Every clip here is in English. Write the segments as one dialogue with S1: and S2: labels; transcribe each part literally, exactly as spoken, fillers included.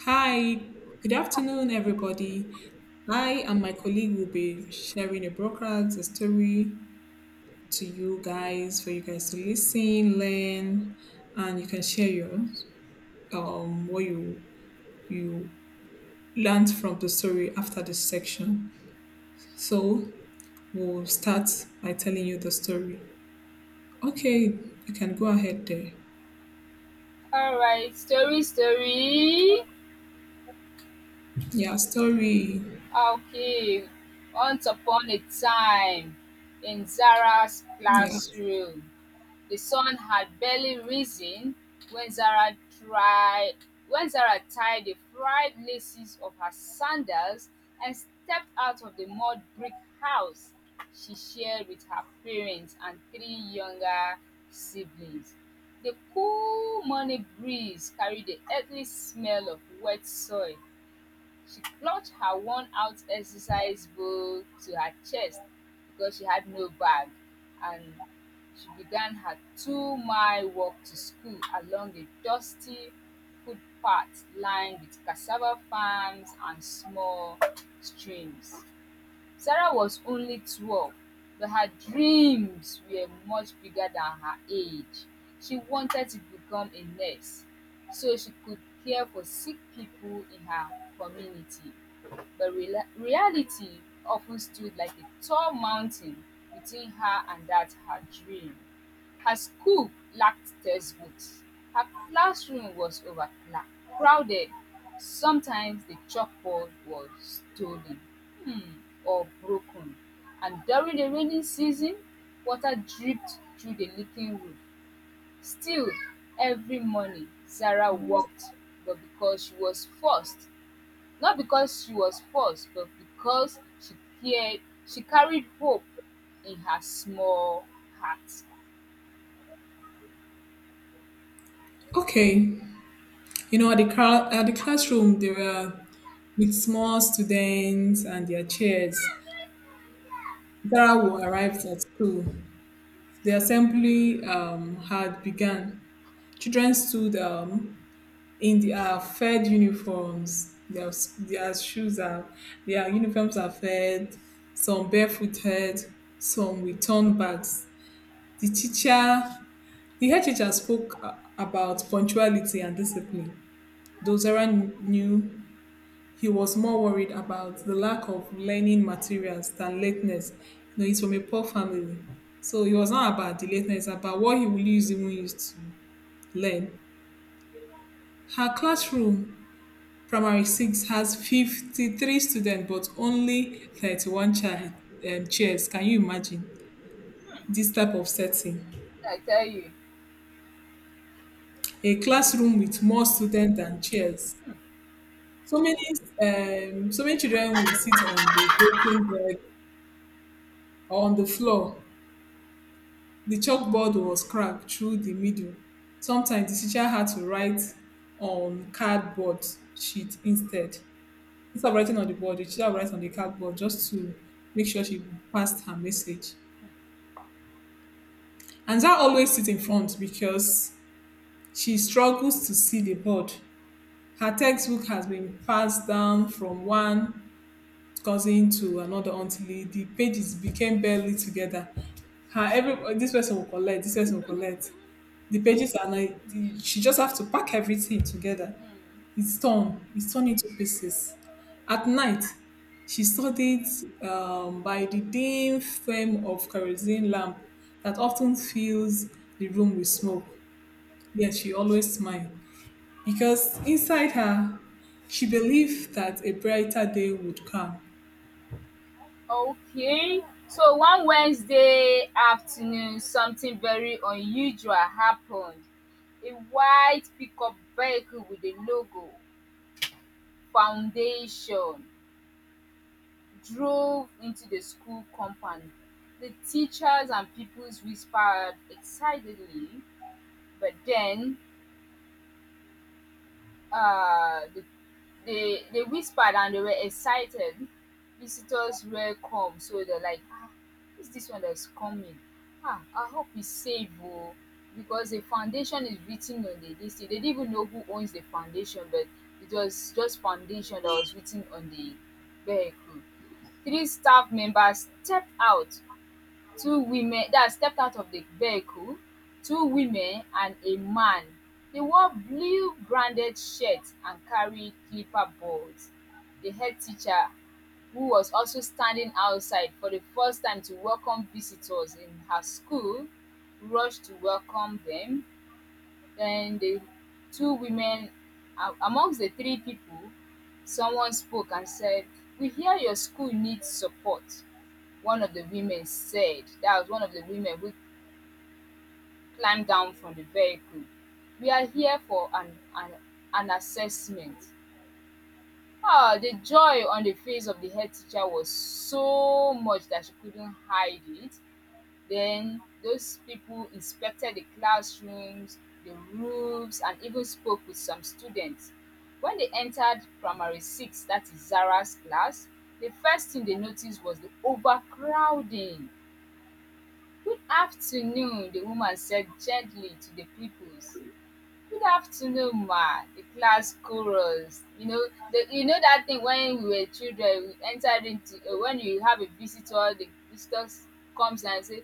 S1: Hi, good afternoon, everybody. I and my colleague will be sharing a broadcast, a story to you guys for you guys to listen, learn, and you can share your um what you you learned from the story after this section. So we'll start by telling you the story. Okay, you can go ahead there.
S2: Alright, story, story.
S1: Yeah, story.
S2: Okay. Once upon a time in Zara's
S1: Yeah.
S2: classroom. The sun had barely risen when Zara tried when Zara tied the fried laces of her sandals and stepped out of the mud brick house she shared with her parents and three younger siblings. The cool morning breeze carried the earthly smell of wet soil. She clutched her worn out exercise book to her chest because she had no bag, and she began her two mile walk to school along a dusty footpath lined with cassava farms and small streams. Sarah was only twelve, but her dreams were much bigger than her age. She wanted to become a nurse so she could care for sick people in her community. But rela reality often stood like a tall mountain between her and that her dream. Her school lacked textbooks. Her classroom was overcrowded. Sometimes the chalkboard was stolen or broken, and during the rainy season, water dripped through the leaking roof. Still, every morning, Sarah walked, but because she was forced. not because she was forced, but because she cared, she carried hope in her small heart.
S1: Okay. You know, at the, cra- at the classroom, there were with small students and their chairs. Zara who arrived at school. The assembly um, had begun. Children stood um, in their fed uniforms. Their, their shoes are, their uniforms are fed, some barefooted, some with turned bags. The teacher, the head teacher spoke uh, about punctuality and discipline. Though Zara knew he was more worried about the lack of learning materials than lateness. You know, he's from a poor family. So it was not about the lateness, it's about what he will use even use to learn. Her classroom, primary six, has fifty-three students, but only thirty-one child, um, chairs. Can you imagine this type of setting?
S2: I tell you.
S1: A classroom with more students than chairs. So many, um, so many children will sit on the broken bed or on the floor. The chalkboard was cracked through the middle. Sometimes the teacher had to write on cardboard sheet instead. Instead of writing on the board, the teacher would write on the cardboard just to make sure she passed her message. And Zara always sits in front because she struggles to see the board. Her textbook has been passed down from one cousin to another until the pages became barely together. Her every this person will collect, this person will collect. The pages are like she just have to pack everything together. It's torn. It's torn into pieces. At night, she studied um, by the dim flame of kerosene lamp that often fills the room with smoke. Yet she always smiled because inside her, she believed that a brighter day would come.
S2: Okay. So one Wednesday afternoon, something very unusual happened. A white pickup vehicle with a logo foundation drove into the school compound. The teachers and pupils whispered excitedly, but then uh, the, they they whispered and they were excited. Visitors were come, so they're like, ah, who's this one that's coming? Ah, I hope he's safe, oh, because the foundation is written on the this thing. They didn't even know who owns the foundation, but it was just foundation that was written on the vehicle. Three staff members stepped out, two women that stepped out of the vehicle, two women and a man. They wore blue branded shirts and carried clipper boards. The head teacher, who was also standing outside for the first time to welcome visitors in her school, rushed to welcome them. Then the two women, a- amongst the three people, someone spoke and said, "We hear your school needs support," one of the women said. That was one of the women who climbed down from the vehicle. "We are here for an, an, an assessment." Ah, the joy on the face of the head teacher was so much that she couldn't hide it. Then those people inspected the classrooms, the roofs, and even spoke with some students. When they entered primary six, that is Zara's class, the first thing they noticed was the overcrowding. "Good afternoon," the woman said gently to the pupils. "Good afternoon, ma," the class chorus. You know, the, you know that thing when we were children, we entered into uh, when you have a visitor, the visitor comes and say,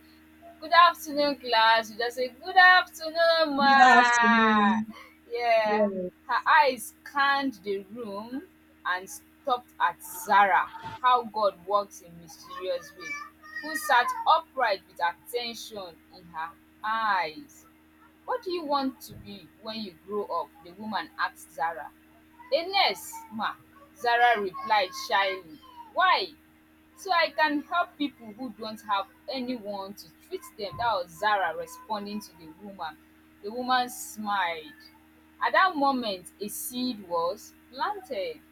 S2: "Good afternoon, class." You just say, "Good afternoon, ma."
S1: That afternoon,
S2: Yeah,
S1: yeah,
S2: her eyes scanned the room and stopped at Zara. How God works in mysterious ways. Who sat upright with attention in her eyes. "What do you want to be when you grow up?" the woman asked Zara. "A nurse, ma," Zara replied shyly. "Why?" "So I can help people who don't have anyone to treat them," that was Zara responding to the woman. The woman smiled. At that moment a seed was planted.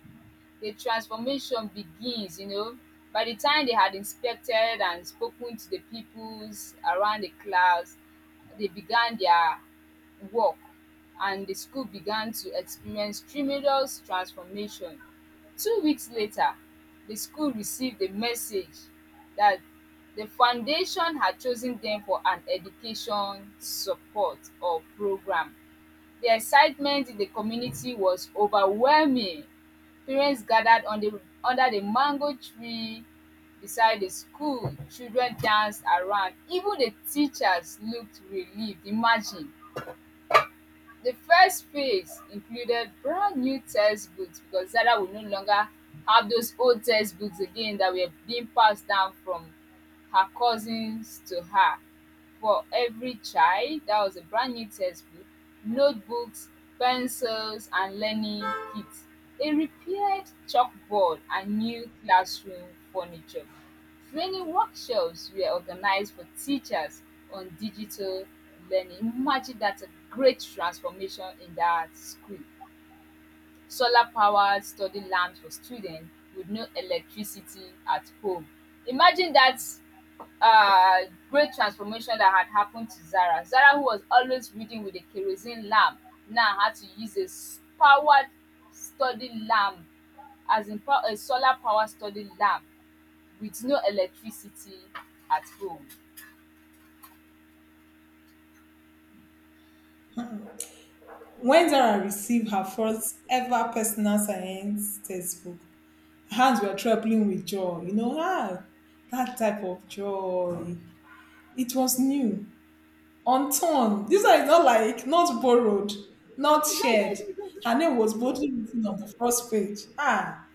S2: The transformation begins, you know. By the time they had inspected and spoken to the peoples around the class, they began their work, and the school began to experience tremendous transformation. Two weeks later, the school received a message that the foundation had chosen them for an education support or program. The excitement in the community was overwhelming. Parents gathered on the, under the mango tree beside the school, children danced around, even the teachers looked relieved. Imagine, the first phase included brand new textbooks, because Zara would no longer have those old textbooks again that were being passed down from her cousins to her, for every child. That was a brand new textbook, notebooks, pencils, and learning kits, a repaired chalkboard, and new classroom furniture. Training workshops were organized for teachers on digital learning. Imagine that's a great transformation in that school. Solar-powered study lamps for students with no electricity at home. Imagine that uh, great transformation that had happened to Zara. Zara, who was always reading with a kerosene lamp, now had to use a s- powered study lamp, as in pow- a solar powered study lamp with no electricity at home.
S1: when Zara received her first ever personal science textbook, hands were trembling with joy, you know, ah, that type of joy. It was new, unturned. This one is not like, not borrowed, not shared. Her name was boldly written on the first page. Ah,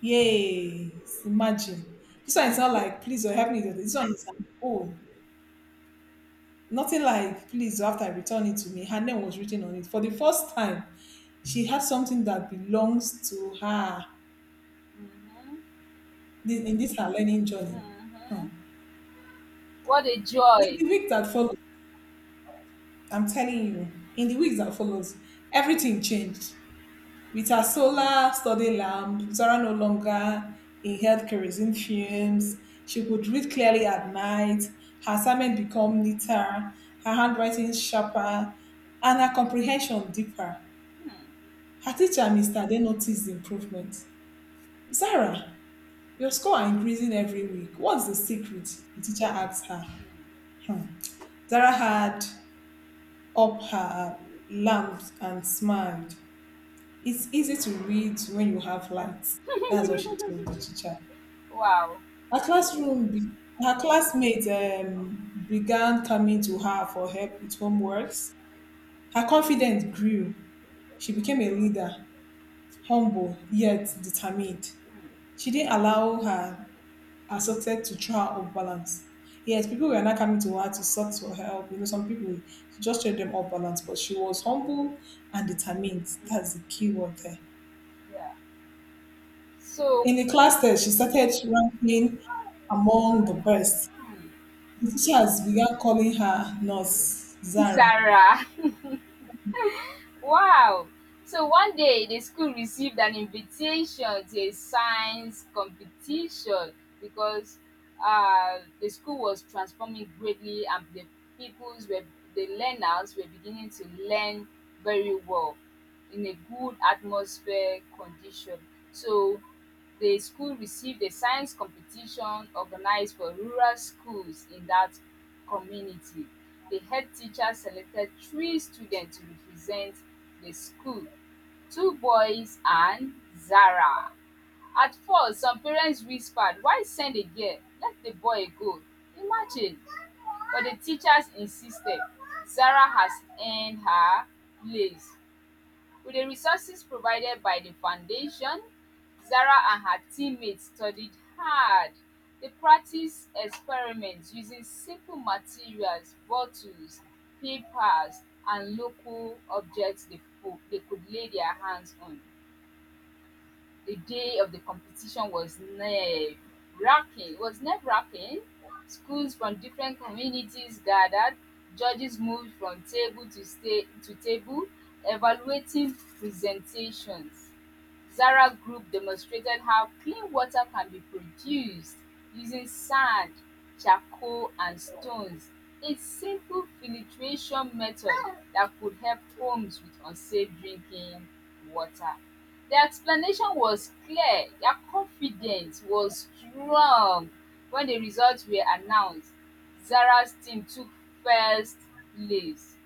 S1: yes, imagine. This one is not
S2: Mm-hmm.
S1: like, please or help me. With This this one is an own. Nothing like, please, or after I return it to me. Her name was written on it. For the first time, she had something that belongs to her.
S2: Mm-hmm.
S1: This- in this her learning journey. Hmm.
S2: Mm-hmm. What a
S1: In
S2: joy!
S1: the week that followed, I'm telling you, in the weeks that follows, everything changed. With her solar study lamp, Zara no longer inhaled kerosene fumes. She could read clearly at night. Her assignment become neater, her handwriting sharper, and her comprehension deeper. Her teacher, mister Ade, noticed the improvement. Zara, your score are increasing every week. What's the secret? The teacher asked her. Hmm. Zara had up her lamps and smiled. It's easy to read when you have lights. That's what she told the teacher.
S2: Wow.
S1: Her classroom, be- Her classmates um, began coming to her for help with homeworks. Her confidence grew. She became a leader, humble yet determined. She didn't allow her assorted to throw her off balance. Yes, people were not coming to her to seek for help. You know, some people she just threw them off balance, but she was humble and determined. That's the key word there.
S2: Yeah. So,
S1: In the class test, she started ranking among the best. The teachers began calling her Nurse Zara.
S2: Zara. Wow! So one day the school received an invitation to a science competition, because uh, the school was transforming greatly and the pupils were the learners were beginning to learn very well in a good atmosphere condition. So the school received a science competition organized for rural schools in that community. The head teacher selected three students to represent the school, two boys and Zara. At first, some parents whispered, "Why send a girl? Let the boy go." Imagine. But the teachers insisted. Zara has earned her place. With the resources provided by the foundation, Zara and her teammates studied hard. They practiced experiments using simple materials, bottles, papers, and local objects they, could- they could lay their hands on. The day of the competition was nerve wracking. Was nerve wracking. Schools from different communities gathered. Judges moved from table to sta- to table, evaluating presentations. Zara Group demonstrated how clean water can be produced using sand, charcoal and stones, a simple filtration method that could help homes with unsafe drinking water. Their explanation was clear, their confidence was strong when the results were announced. Zara's team took first place.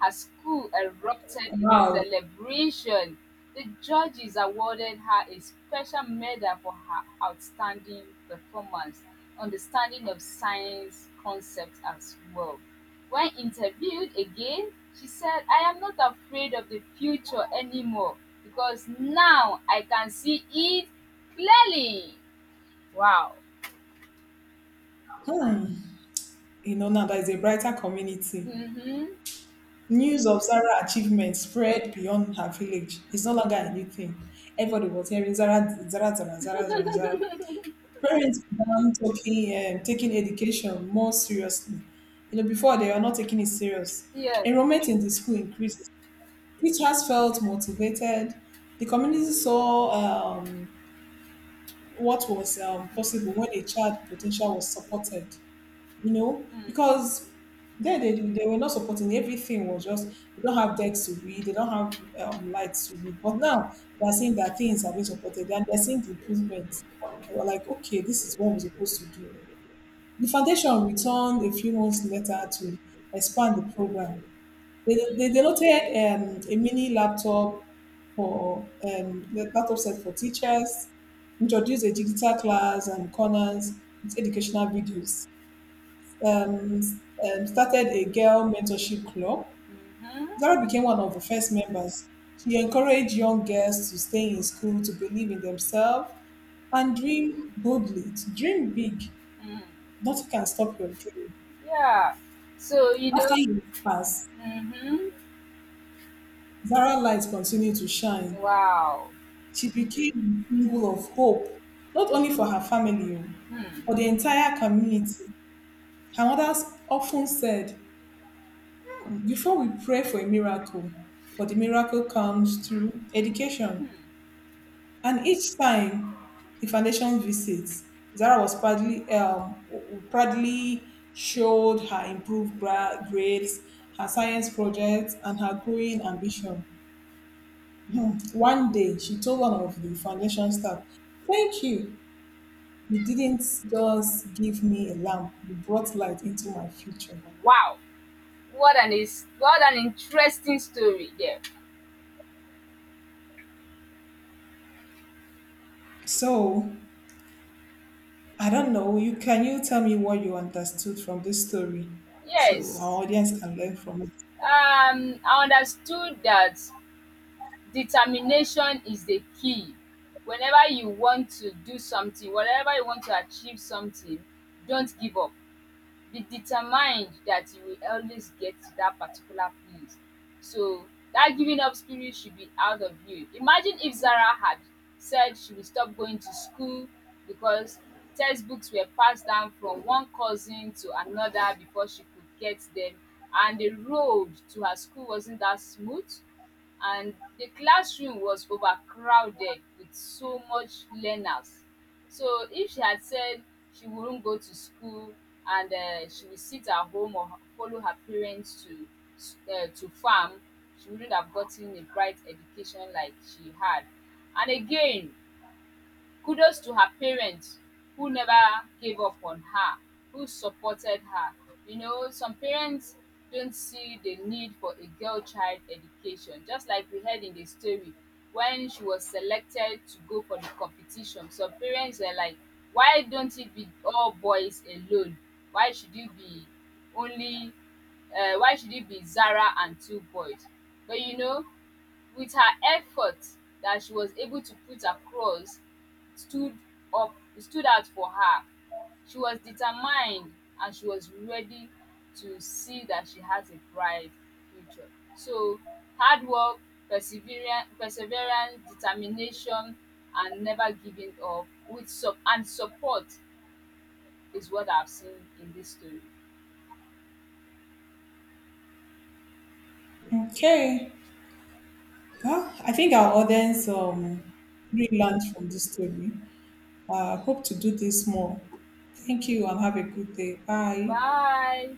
S2: Her school erupted in
S1: Wow,
S2: celebration. The judges awarded her a special medal for her outstanding performance, understanding of science concepts as well. When interviewed again, she said, "I am not afraid of the future anymore because now I can see it clearly." Wow.
S1: you know, now that is a brighter community.
S2: Mm-hmm.
S1: News of Zara's achievements spread beyond her village. It's no longer a new thing. Everybody was hearing Zara, Zara, Zara, Zara, Zara, Zara. Parents began talking, um, taking education more seriously. You know, before they were not taking it serious.
S2: Yeah.
S1: Enrollment in the school increases. Teachers felt motivated. The community saw um, what was um, possible when a child's potential was supported. You know, because there they, they were not supporting. Everything was just they don't have decks to read. They don't have um, lights to read. But now they are seeing that things are being supported and they're seeing the improvements they were like, okay, this is what we're supposed to do. The foundation returned a few months later to expand the program. They, they donated um, a mini laptop for um, the laptop set for teachers, introduced a digital class and corners with educational videos, um, um, started a girl mentorship club.
S2: Mm-hmm.
S1: Zara became one of the first members. She encouraged young girls to stay in school, to believe in themselves, and dream boldly. To dream big.
S2: Mm.
S1: Nothing can stop your dream.
S2: Yeah. So, you
S1: After
S2: know,
S1: years passed,
S2: mm-hmm.
S1: Zara light continued to shine.
S2: Wow.
S1: She became a symbol of hope, not only for her family, oh, for the entire community. Her mothers often said, before we pray for a miracle, but the miracle comes through education. And each time the foundation visits, Zara was proudly, um, proudly showed her improved gra- grades, her science projects, and her growing ambition. One day, she told one of the foundation staff, thank you. You didn't just give me a lamp, you brought light into my future.
S2: Wow. What an is what an interesting story there.
S1: So, I don't know. You can you tell me what you understood from this story so
S2: Yes.
S1: our audience can learn from it?
S2: Um I understood that determination is the key. Whenever you want to do something, whatever you want to achieve something, don't give up. Be determined that you will always get to that particular place. So that giving up spirit should be out of you. Imagine if Zara had said she would stop going to school because textbooks were passed down from one cousin to another before she could get them, and the road to her school wasn't that smooth and the classroom was overcrowded with so much learners. So if she had said she wouldn't go to school and uh, she would sit at home or h- follow her parents to s- uh, to farm, she wouldn't have gotten a bright education like she had. And again, kudos to her parents who never gave up on her, who supported her. You know, some parents don't see the need for a girl child education. Just like we heard in the story, when she was selected to go for the competition, some parents were like, "Why don't it be all boys alone? Why should you be only, uh, why should it be Zara and two boys?" But you know, with her efforts that she was able to put across stood up stood out for her. She was determined and she was ready to see that she has a bright future. So hard work, perseverance, perseverance, determination and never giving up with sup and support is what I've seen in this story.
S1: Okay. Well, I think our audience um, really learned from this story. I uh, hope to do this more. Thank you and have a good day. Bye.
S2: Bye.